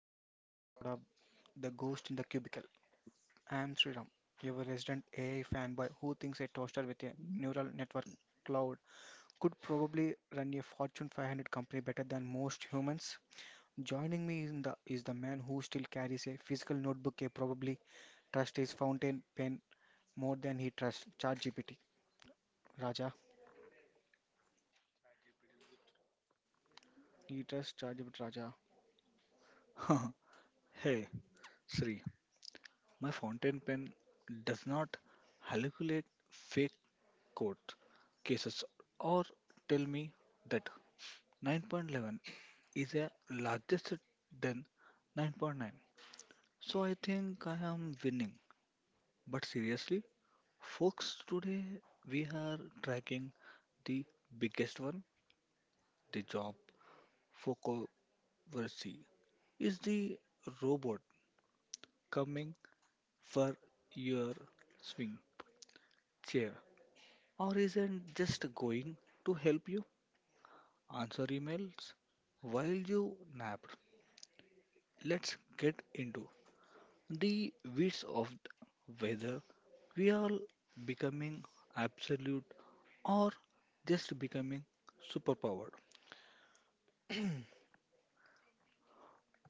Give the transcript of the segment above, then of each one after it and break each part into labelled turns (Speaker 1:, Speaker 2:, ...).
Speaker 1: to another episode of The Ghost in the Cubicle. I am Sriram, your resident AI fanboy who thinks a toaster with a neural network cloud could probably run a Fortune 500 company better than most humans. Joining me is the man who still carries a physical notebook, a probably trusts his fountain pen more than he trusts ChatGPT. Raja, he trusts ChatGPT Raja.
Speaker 2: Hey, Sri, my fountain pen does not hallucinate fake court cases or tell me that 9.11 is a largest than 9.9. So I think I am winning. But seriously, folks, today we are tracking the biggest one, the job controversy. Is the robot coming for your swing chair? Or isn't just going to help you answer emails while you nap? Let's get into the weeds of whether we are becoming absolute or just becoming superpowered.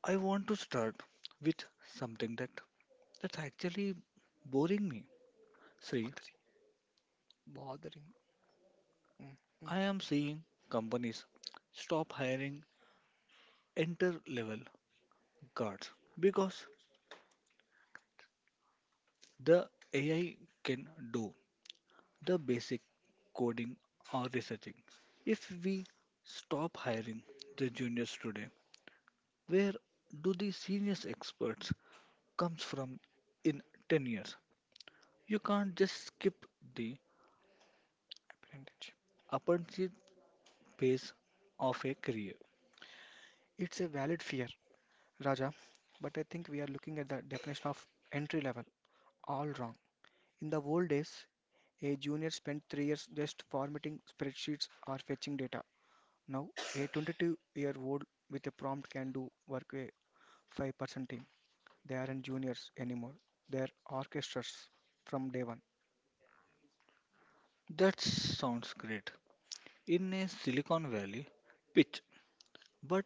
Speaker 2: I want to start with something that's actually boring me. Sri,
Speaker 1: Bothering. Mm.
Speaker 2: I am seeing companies stop hiring enter level cards because the AI can do the basic coding or researching. If we stop hiring the juniors today, where do the seniors experts comes from in 10 years? You can't just skip the
Speaker 1: Apprenticeship.
Speaker 2: apprenticeship phase of a career.
Speaker 1: It's a valid fear, Raja, but I think we are looking at the definition of entry level all wrong. In the old days, a junior spent 3 years just formatting spreadsheets or fetching data. Now, a 22-year-old with a prompt can do work a 5% team. They aren't juniors anymore, they're orchestras from day one.
Speaker 2: That sounds great in a Silicon Valley pitch, but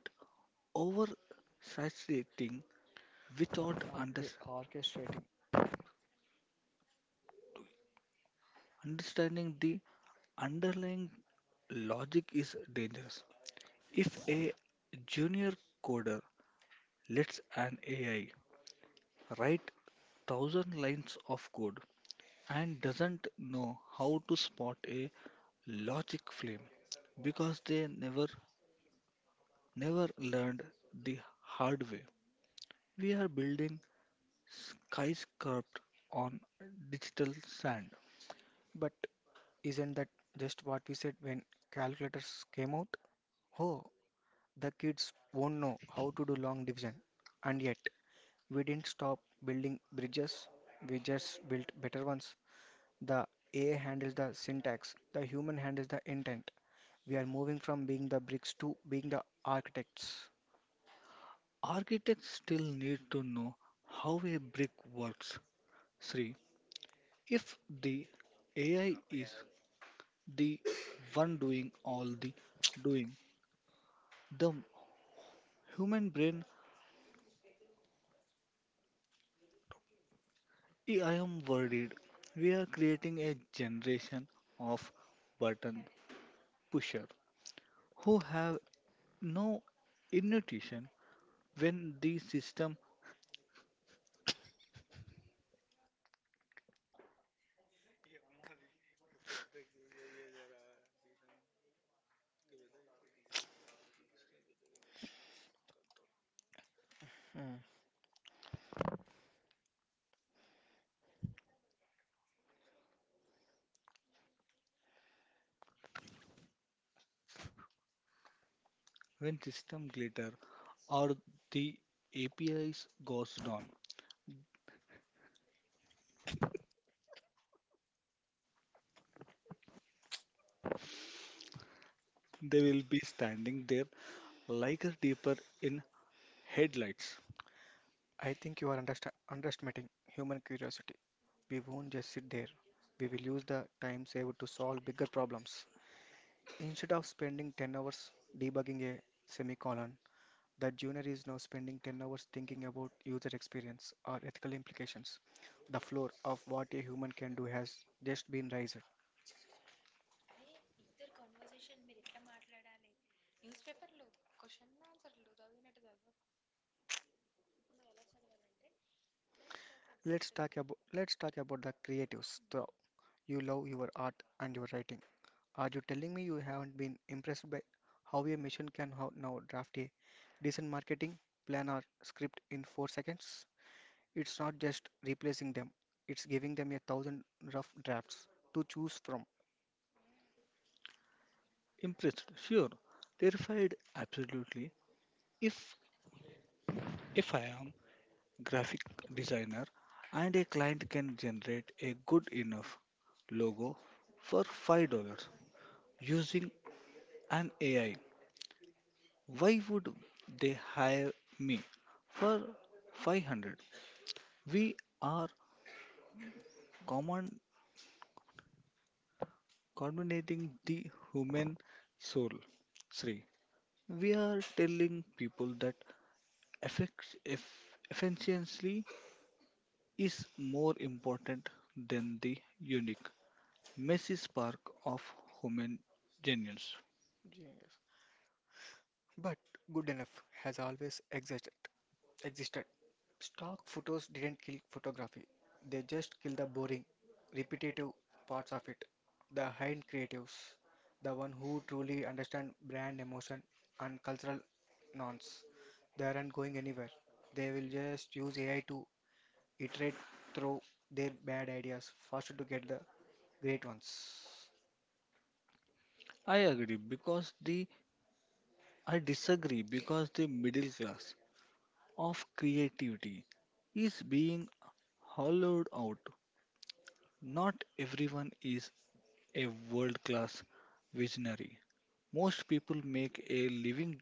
Speaker 2: oversaturating without under-
Speaker 1: Orchestrating.
Speaker 2: understanding the underlying logic is dangerous. If a junior coder lets an AI write thousand lines of code and doesn't know how to spot a logic flame because they never learned the hard way. We are building skyscrapers on digital sand.
Speaker 1: But isn't that just what we said when calculators came out? Oh, the kids won't know how to do long division. And yet, we didn't stop building bridges, we just built better ones. The AI handles the syntax, the human handles the intent. We are moving from being the bricks to being the architects.
Speaker 2: Architects still need to know how a brick works. Sri, if the AI is the one doing all the doing, the human brain, I am worried. We are creating a generation of button pusher who have no intuition when the system
Speaker 1: Hmm.
Speaker 2: when system glitter or the APIs goes down. They will be standing there like a deer in headlights.
Speaker 1: I think you are underestimating human curiosity. We won't just sit there. We will use the time saved to solve bigger problems. Instead of spending 10 hours debugging a semicolon, that junior is now spending 10 hours thinking about user experience or ethical implications. The floor of what a human can do has just been raised. Let's talk about the creatives. So you love your art and your writing. Are you telling me you haven't been impressed by how a machine can how now draft a decent marketing plan or script in 4 seconds? It's not just replacing them; it's giving them a thousand rough drafts to choose from.
Speaker 2: Impressed, sure. Terrified, absolutely. If if I am graphic designer and a client can generate a good enough logo for $5 using an AI, why would they hire me for 500? We are common combinating the human soul. Three. We are telling people that efficiency is more important than the unique messy spark of human genius.
Speaker 1: Genius. But good enough has always existed. Stock photos didn't kill photography. They just killed the boring, repetitive parts of it. The hidden creatives, the one who truly understand brand emotion and cultural norms, they aren't going anywhere. They will just use AI to iterate through their bad ideas faster to get the great ones.
Speaker 2: I agree because the I disagree because the middle class of creativity is being hollowed out. Not everyone is a world class visionary. Most people make a living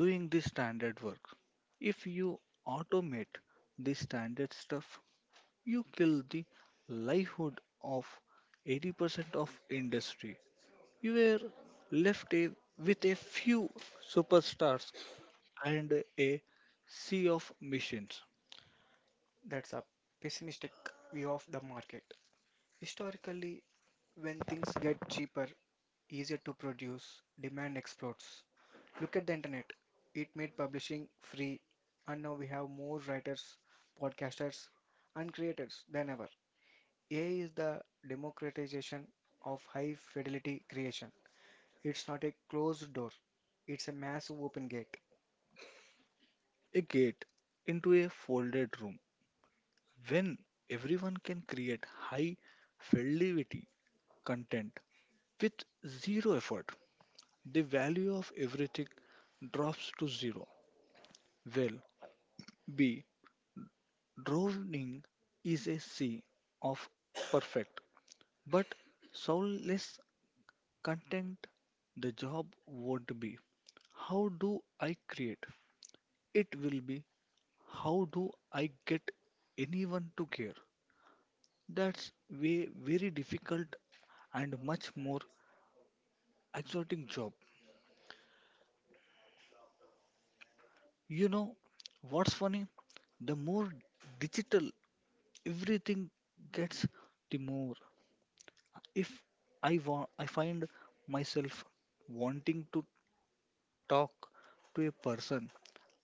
Speaker 2: doing the standard work. If you automate the standard stuff, you kill the livelihood of 80% of industry. You were left a, with a few superstars and a sea of machines.
Speaker 1: That's a pessimistic view of the market. Historically, when things get cheaper, easier to produce, demand explodes. Look at the internet. It made publishing free, and now we have more writers, podcasters, and creators than ever. AI is the democratization of high fidelity creation. It's not a closed door, it's a massive open gate.
Speaker 2: A gate into a folded room when everyone can create high fidelity content with zero effort. The value of everything drops to zero. Well, B. Drowning is a sea of perfect but soulless content, the job won't be how do I create? It will be how do I get anyone to care? That's way very difficult and much more exotic job. You know what's funny? The more digital everything gets, the more if I want I find myself wanting to talk to a person.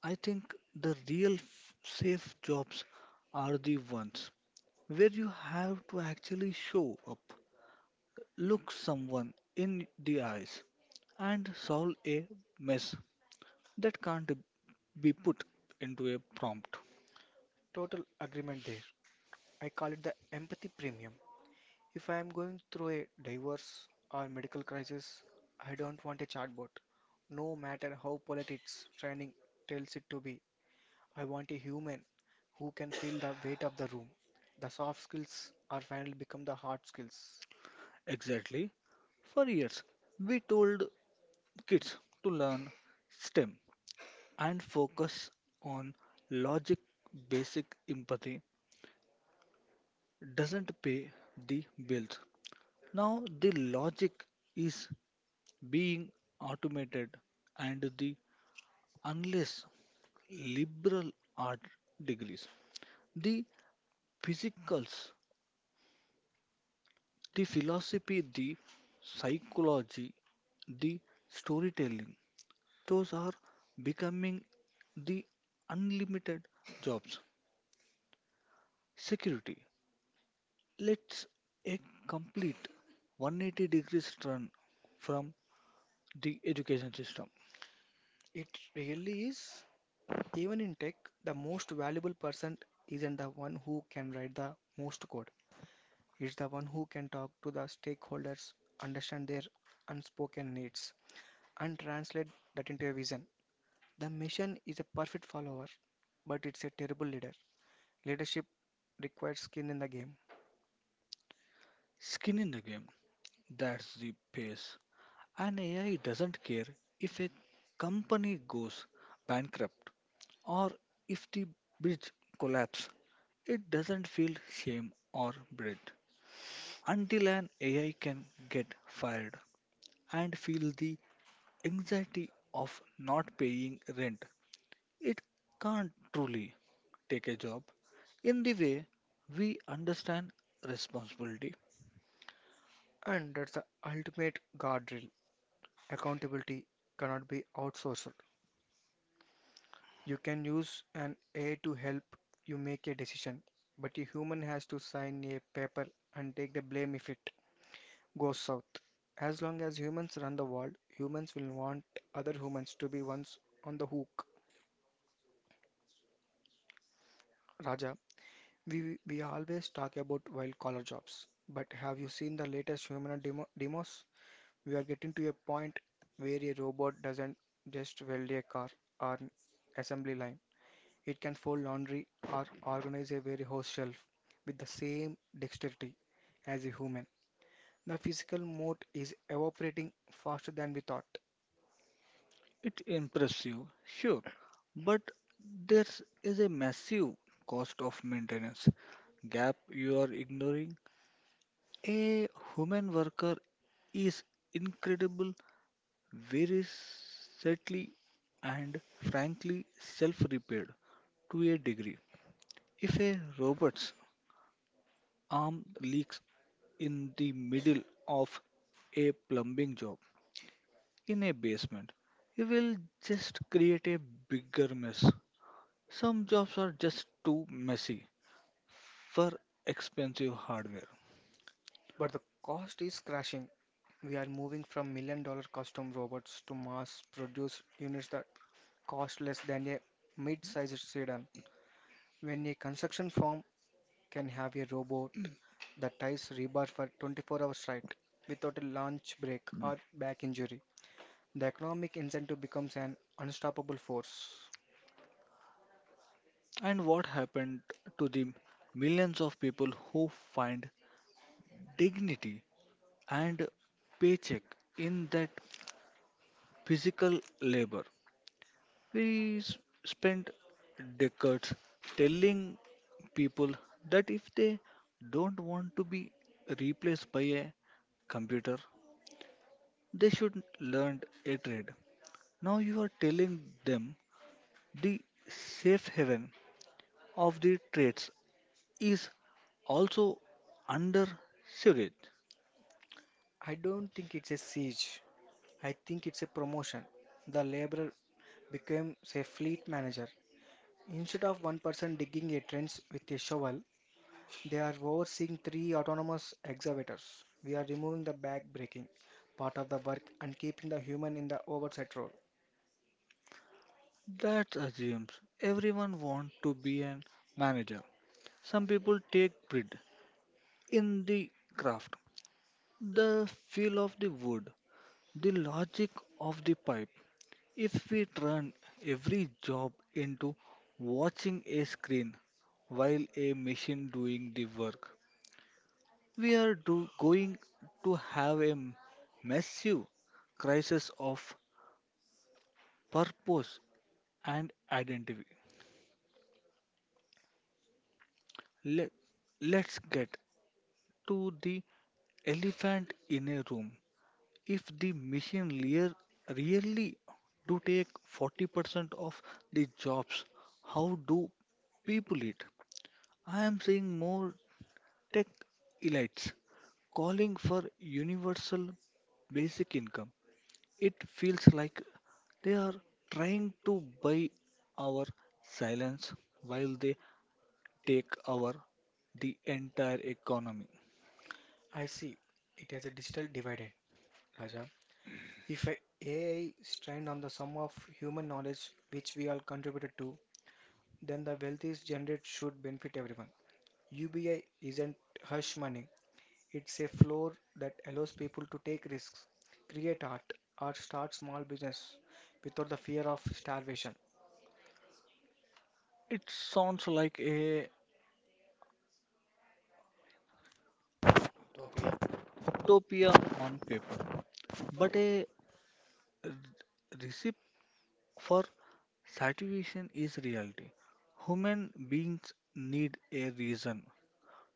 Speaker 2: I think the real safe jobs are the ones where you have to actually show up, look someone in the eyes, and solve a mess that can't be put into a prompt.
Speaker 1: Total agreement there. I call it the empathy premium. If I am going through a divorce or medical crisis, I don't want a chatbot. No matter how polite its training tells it to be, I want a human who can feel the weight of the room. The soft skills are finally become the hard skills.
Speaker 2: Exactly. For years, we told kids to learn STEM and focus on logic, basic empathy doesn't pay the bills. Now, the logic is being automated, and the unless liberal art degrees, the physicals, the philosophy, the psychology, the storytelling, those are becoming the unlimited jobs. Security. Let's a complete 180 degrees turn from the education system.
Speaker 1: It really is. Even in tech, the most valuable person isn't the one who can write the most code. It's the one who can talk to the stakeholders, understand their unspoken needs, and translate that into a vision. The machine is a perfect follower, but it's a terrible leader. Leadership requires skin in the game,
Speaker 2: Skin in the game. That's the pace. And AI doesn't care if a company goes bankrupt or if the bridge collapses. It doesn't feel shame or dread until an AI can get fired and feel the anxiety of not paying rent. It can't truly take a job in the way we understand responsibility.
Speaker 1: and that's the ultimate guardrail. Accountability cannot be outsourced. You can use an AI to help you make a decision, but a human has to sign a paper and take the blame if it goes south. As long as humans run the world, humans will want other humans to be ones on the hook. Raja. We always talk about white collar jobs, but have you seen the latest demos? We are getting to a point where a robot doesn't just weld a car or an assembly line. It can fold laundry or organize a warehouse shelf with the same dexterity as a human. The physical mode is evaporating faster than we thought,
Speaker 2: It impresses you, sure, but there is a massive cost of maintenance gap you are ignoring. A human worker is incredible, very subtly and frankly self-repaired to a degree. If a robot's arm leaks in the middle of a plumbing job in a basement, you will just create a bigger mess. Some jobs are just too messy for expensive hardware.
Speaker 1: but the cost is crashing. We are moving from million dollar custom robots to mass produced units that cost less than a mid-sized sedan. When a construction firm can have a robot that ties rebar for 24 hours straight without a lunch break or back injury, the economic incentive becomes an unstoppable force.
Speaker 2: And what happened to the millions of people who find dignity and paycheck in that physical labor? We s- spent decades telling people that if they don't want to be replaced by a computer, they should learn a trade. Now you are telling them the safe haven of the trades is also under surveillance.
Speaker 1: I don't think it's a siege. I think it's a promotion. The laborer becomes a fleet manager. Instead of one person digging a trench with a shovel, they are overseeing three autonomous excavators. We are removing the back breaking part of the work and keeping the human in the oversight role.
Speaker 2: That assumes everyone wants to be a manager. Some people take pride in the craft, the feel of the wood, the logic of the pipe. If we turn every job into watching a screen while a machine doing the work, we are going to have a massive crisis of purpose and identity. Let, let's get to the elephant in a room. If the machine layer really do take 40% of the jobs, how do people eat? I am seeing more tech elites calling for universal basic income. It feels like they are trying to buy our silence while they take over the entire economy.
Speaker 1: I see it as a digital dividend, Raja. If a AI is trained on the sum of human knowledge which we all contributed to, then the wealth is generated should benefit everyone. UBI isn't hush money. It's a floor that allows people to take risks, create art, or start small business without the fear of starvation.
Speaker 2: It sounds like a utopia on paper, but a r- recipe for saturation is reality. Human beings need a reason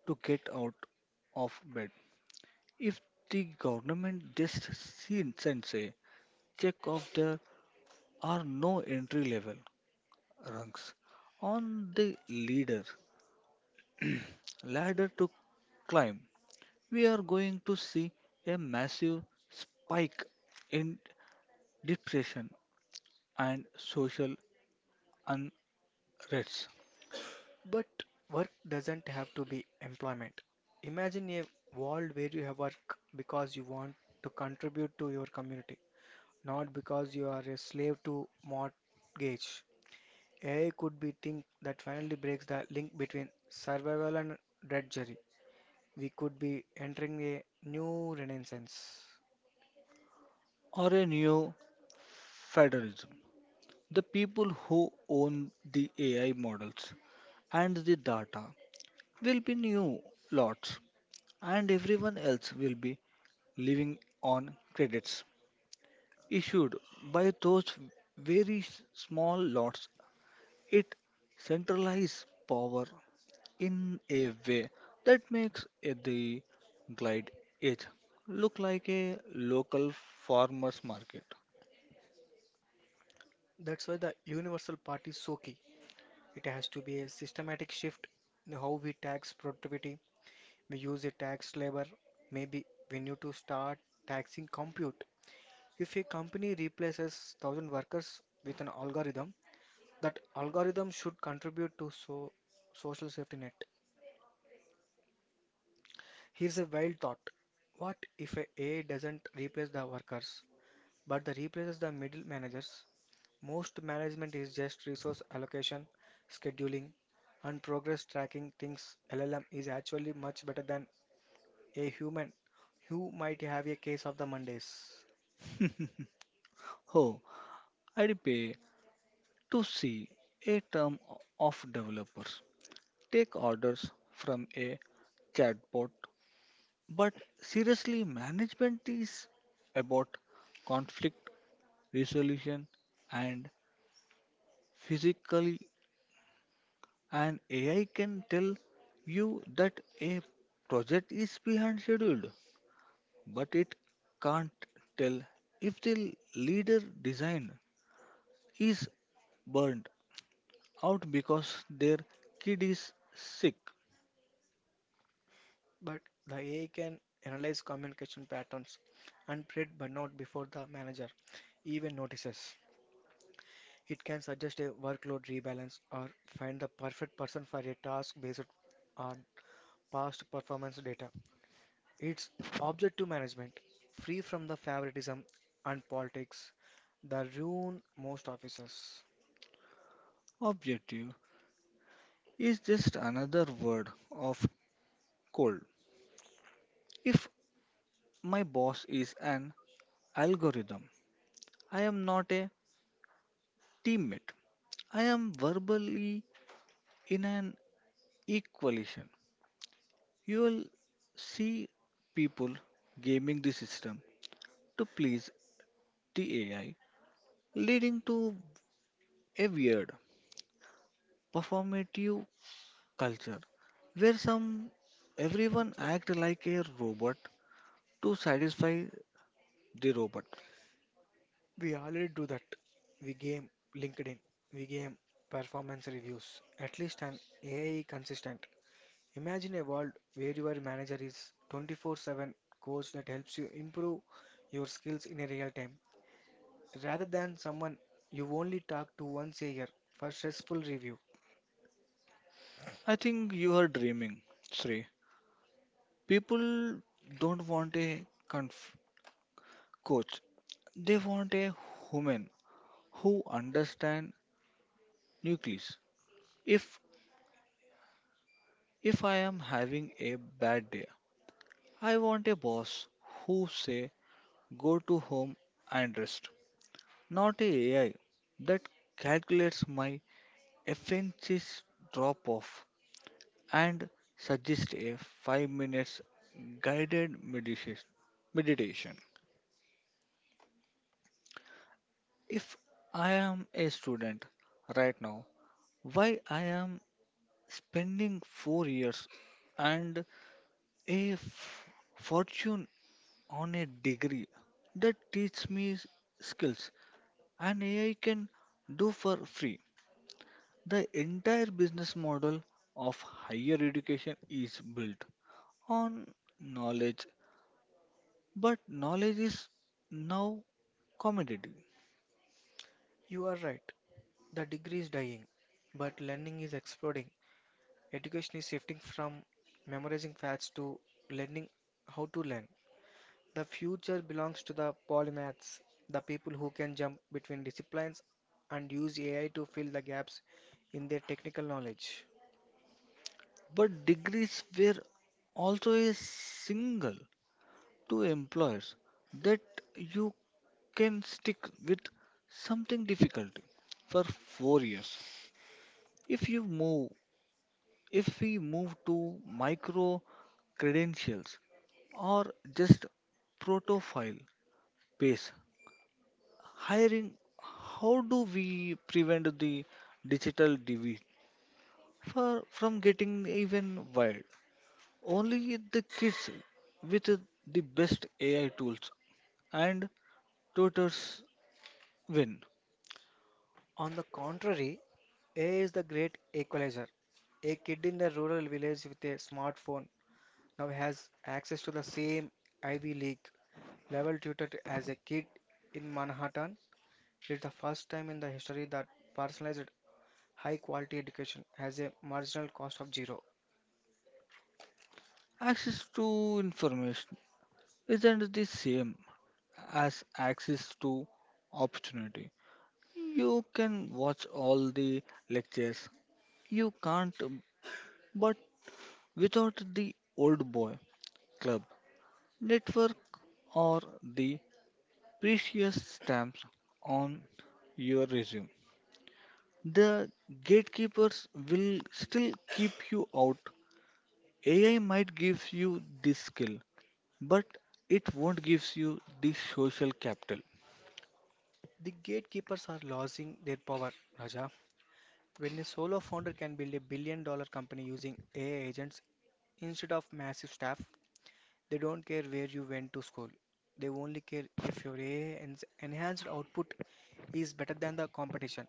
Speaker 2: to get out of bed. If the government just sends a check of their are no entry level rungs on the leader ladder to climb. We are going to see a massive spike in depression and social unrest
Speaker 1: But work doesn't have to be employment. Imagine a world where you have work because you want to contribute to your community, not because you are a slave to mortgage. AI could be thing that finally breaks the link between survival and drudgery. We could be entering a new renaissance.
Speaker 2: or a new federalism. The people who own the AI models and the data will be new lots and everyone else will be living on credits. Issued by those very small lords. It centralizes power in a way that makes it the Glide Edge look like a local farmers market.
Speaker 1: That's why the universal part is so key. It has to be a systematic shift in how we tax productivity. We use a tax labor. Maybe we need to start taxing compute. If a company replaces 1,000 workers with an algorithm, that algorithm should contribute to so social safety net. Here's a wild thought. What if a AI doesn't replace the workers, but the replaces the middle managers? Most management is just resource allocation, scheduling, and progress tracking things. LLM is actually much better than a human who might have a case of the Mondays.
Speaker 2: Oh, I'd pay to see a term of developers take orders from a chatbot. But seriously, management is about conflict resolution and physically and AI can tell you that a project is behind schedule, but it can't tell if the leader design is burnt out because their kid is sick.
Speaker 1: But the AI can analyze communication patterns and predict burnout before the manager even notices. It can suggest a workload rebalance or find the perfect person for a task based on past performance data. It's objective management, free from the favoritism and politics that ruin most offices.
Speaker 2: Objective is just another word of cold. If my boss is an algorithm, I am not a teammate. I am verbally in an equation. You will see people gaming the system to please the AI, leading to a weird performative culture where some everyone act like a robot to satisfy the robot.
Speaker 1: We already do that. We game LinkedIn, we game performance reviews, at least an AI consistent. Imagine a world where your manager is 24/7 coach that helps you improve your skills in a real time rather than someone you only talk to once a year for stressful review.
Speaker 2: I think you are dreaming, Sri. People don't want a coach. They want a human who understand nucleus. If if I am having a bad day, I want a boss who say go to home and rest, not a AI that calculates my FNC's drop off and suggests a 5 minutes guided meditation. If I am a student right now, why I am spending 4 years and a fortune on a degree that teaches me skills and AI can do for free. The entire business model of higher education is built on knowledge, but knowledge is now commodity.
Speaker 1: You are right. The degree is dying, but learning is exploding. Education is shifting from memorizing facts to learning how to learn. The future belongs to the polymaths, the people who can jump between disciplines and use AI to fill the gaps in their technical knowledge.
Speaker 2: But degrees were also a single to employers that you can stick with something difficult for 4 years. If you move If we move to micro credentials or just protofile base hiring, how do we prevent the digital divide from getting even wild? Only the kids with the best AI tools and tutors win.
Speaker 1: On the contrary, AI is the great equalizer. A kid in the rural village with a smartphone now has access to the same Ivy League level tutor as a kid in Manhattan. It's the first time in the history that personalized high quality education has a marginal cost of zero.
Speaker 2: Access to information isn't the same as access to opportunity. You can watch all the lectures. You can't, but without the old boy club network or the precious stamps on your resume, the gatekeepers will still keep you out. AI might give you the skill, but it won't give you the social capital.
Speaker 1: The gatekeepers are losing their power, Raja. When a solo founder can build a billion dollar company using AI agents instead of massive staff, they don't care where you went to school. They only care if your AI enhanced output is better than the competition.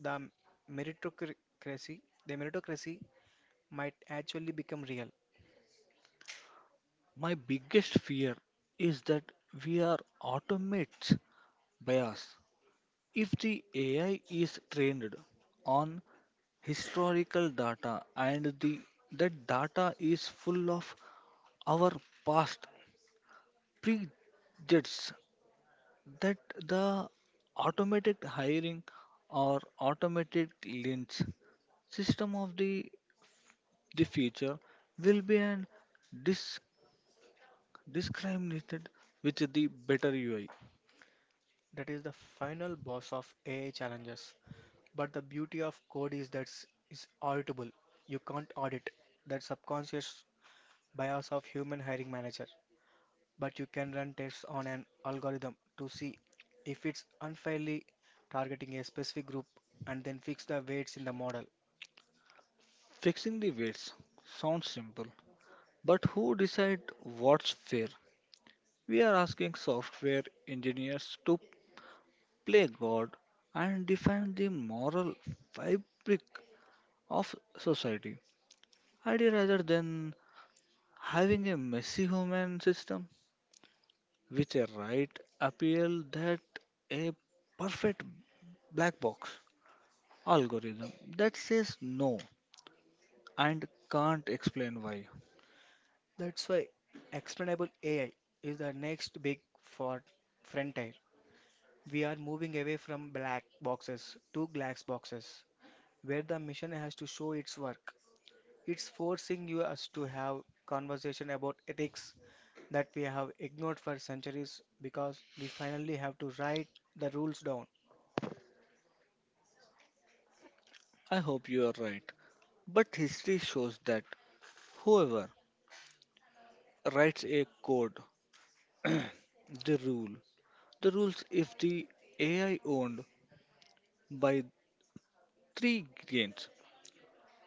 Speaker 1: The meritocracy, the meritocracy might actually become real.
Speaker 2: My biggest fear is that we are automates by us. If the AI is trained on historical data and the that data is full of our past prejudices, that the automated hiring or automated lynch system of the future will be an dis- discriminated with the better UI.
Speaker 1: That is the final boss of AI challenges. But the beauty of code is that it's auditable. You can't audit that subconscious bias of human hiring manager, but you can run tests on an algorithm to see if it's unfairly targeting a specific group and then fix the weights in the model.
Speaker 2: Fixing the weights sounds simple, but who decide what's fair? We are asking software engineers to play God and define the moral fabric of society, idea rather than having a messy human system with a right appeal that a perfect black box algorithm that says no and can't explain why.
Speaker 1: That's why explainable AI is the next big for frontier. We are moving away from black boxes to glass boxes where the mission has to show its work. It's forcing you us to have conversation about ethics that we have ignored for centuries because we finally have to write the rules down.
Speaker 2: I hope you are right, but history shows that whoever writes a code, the rule, the rules if the AI owned by three giants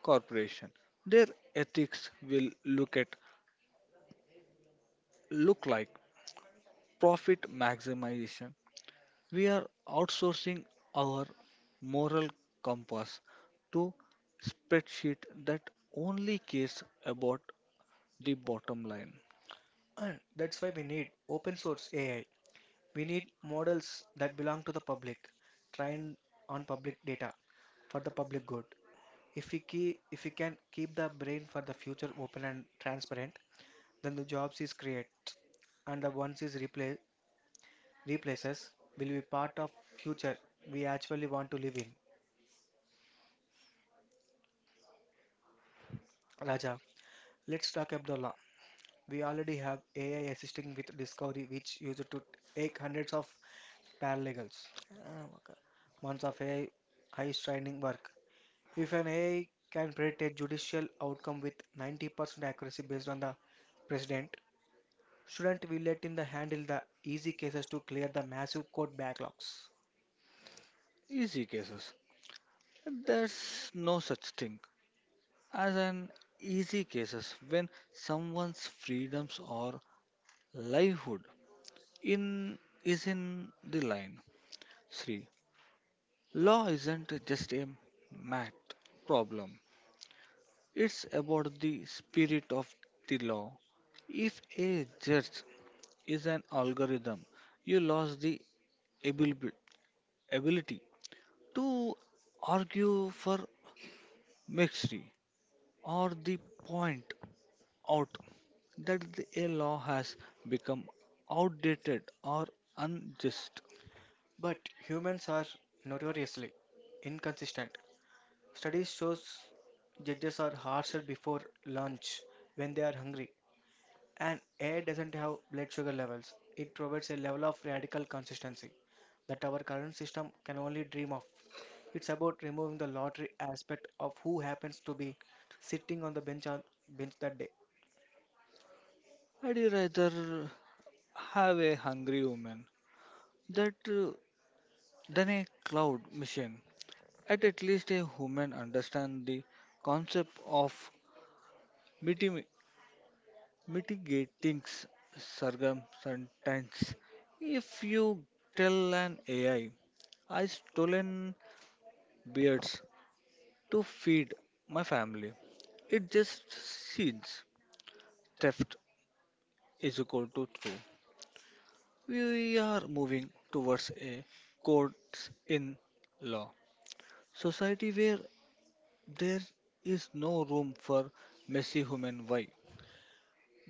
Speaker 2: corporation, their ethics will look like profit maximization. We are outsourcing our moral compass to spreadsheet that only cares about the bottom line.
Speaker 1: And that's why we need open source AI. We need models that belong to the public, trained on public data for the public good. If we can keep the brain for the future open and transparent, then the jobs is create and the ones is replaces will be part of future we actually want to live in. Raja, let's talk about the law. We already have AI assisting with discovery, which used to take hundreds of paralegals. Ah, okay. Months of AI high training work. If an AI can predict a judicial outcome with 90% accuracy based on the precedent, shouldn't we let in the handle the easy cases to clear the massive court backlogs?
Speaker 2: Easy cases. There's no such thing as an easy cases when someone's freedoms or livelihood in is in the line. Sri, law isn't just a math problem. It's about the spirit of the law. If a judge is an algorithm, you lost the abil- ability to argue for mystery or the point out that a law has become outdated or unjust.
Speaker 1: But humans are notoriously inconsistent. Studies shows judges are harsher before lunch when they are hungry and air doesn't have blood sugar levels. It provides a level of radical consistency that our current system can only dream of. It's about removing the lottery aspect of who happens to be sitting on the bench on bench that day.
Speaker 2: I'd rather have a hungry woman that than a cloud mission. At least a human understand the concept of mitim- mitigating circumstances. If you tell an AI, I stolen beards to feed my family, it just sees theft is equal to true. We are moving towards a courts in law Society where there is no room for messy human why,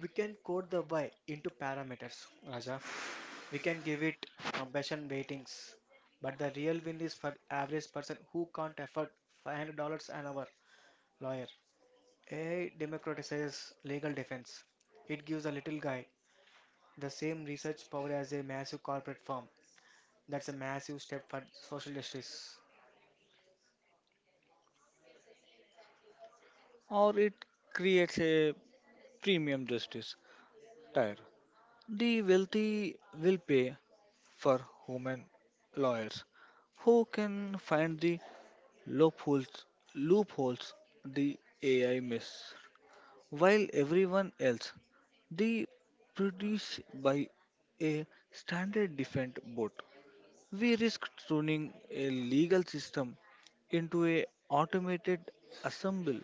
Speaker 1: We can code the why into parameters, Raja. We can give it compassion weightings, but the real win is for average person who can't afford $500 an hour lawyer. AI democratizes legal defense. It gives a little guy the same research power as a massive corporate firm. That's a massive step for social justice.
Speaker 2: or it creates a premium justice tire. The wealthy will pay for human lawyers who can find the loopholes, loopholes the AI miss, while everyone else, the produced by a standard defense board. We risk turning a legal system into a automated assembly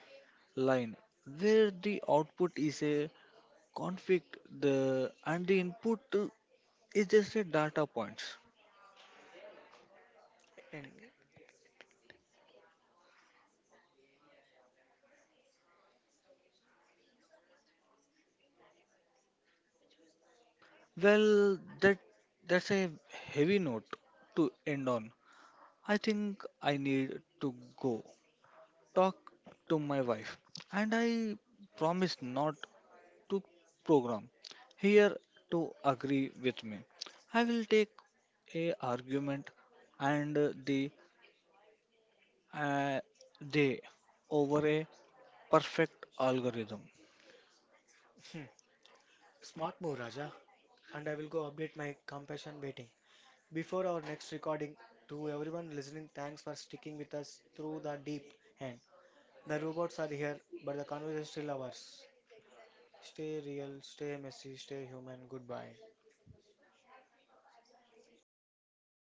Speaker 2: line where the output is a conflict the and the input is just a data points.
Speaker 1: And
Speaker 2: Well that's a heavy note to end on. I think I need to go talk to my wife and I promise not to program here to agree with me. I will take a argument and the uh, they over a perfect algorithm.
Speaker 1: hmm, Smart move, Raja. And I will go update my compassion waiting. Before our next recording, to everyone listening, thanks for sticking with us through the deep end. The robots are here, but the conversation is still ours. Stay real, stay messy, stay human. Goodbye.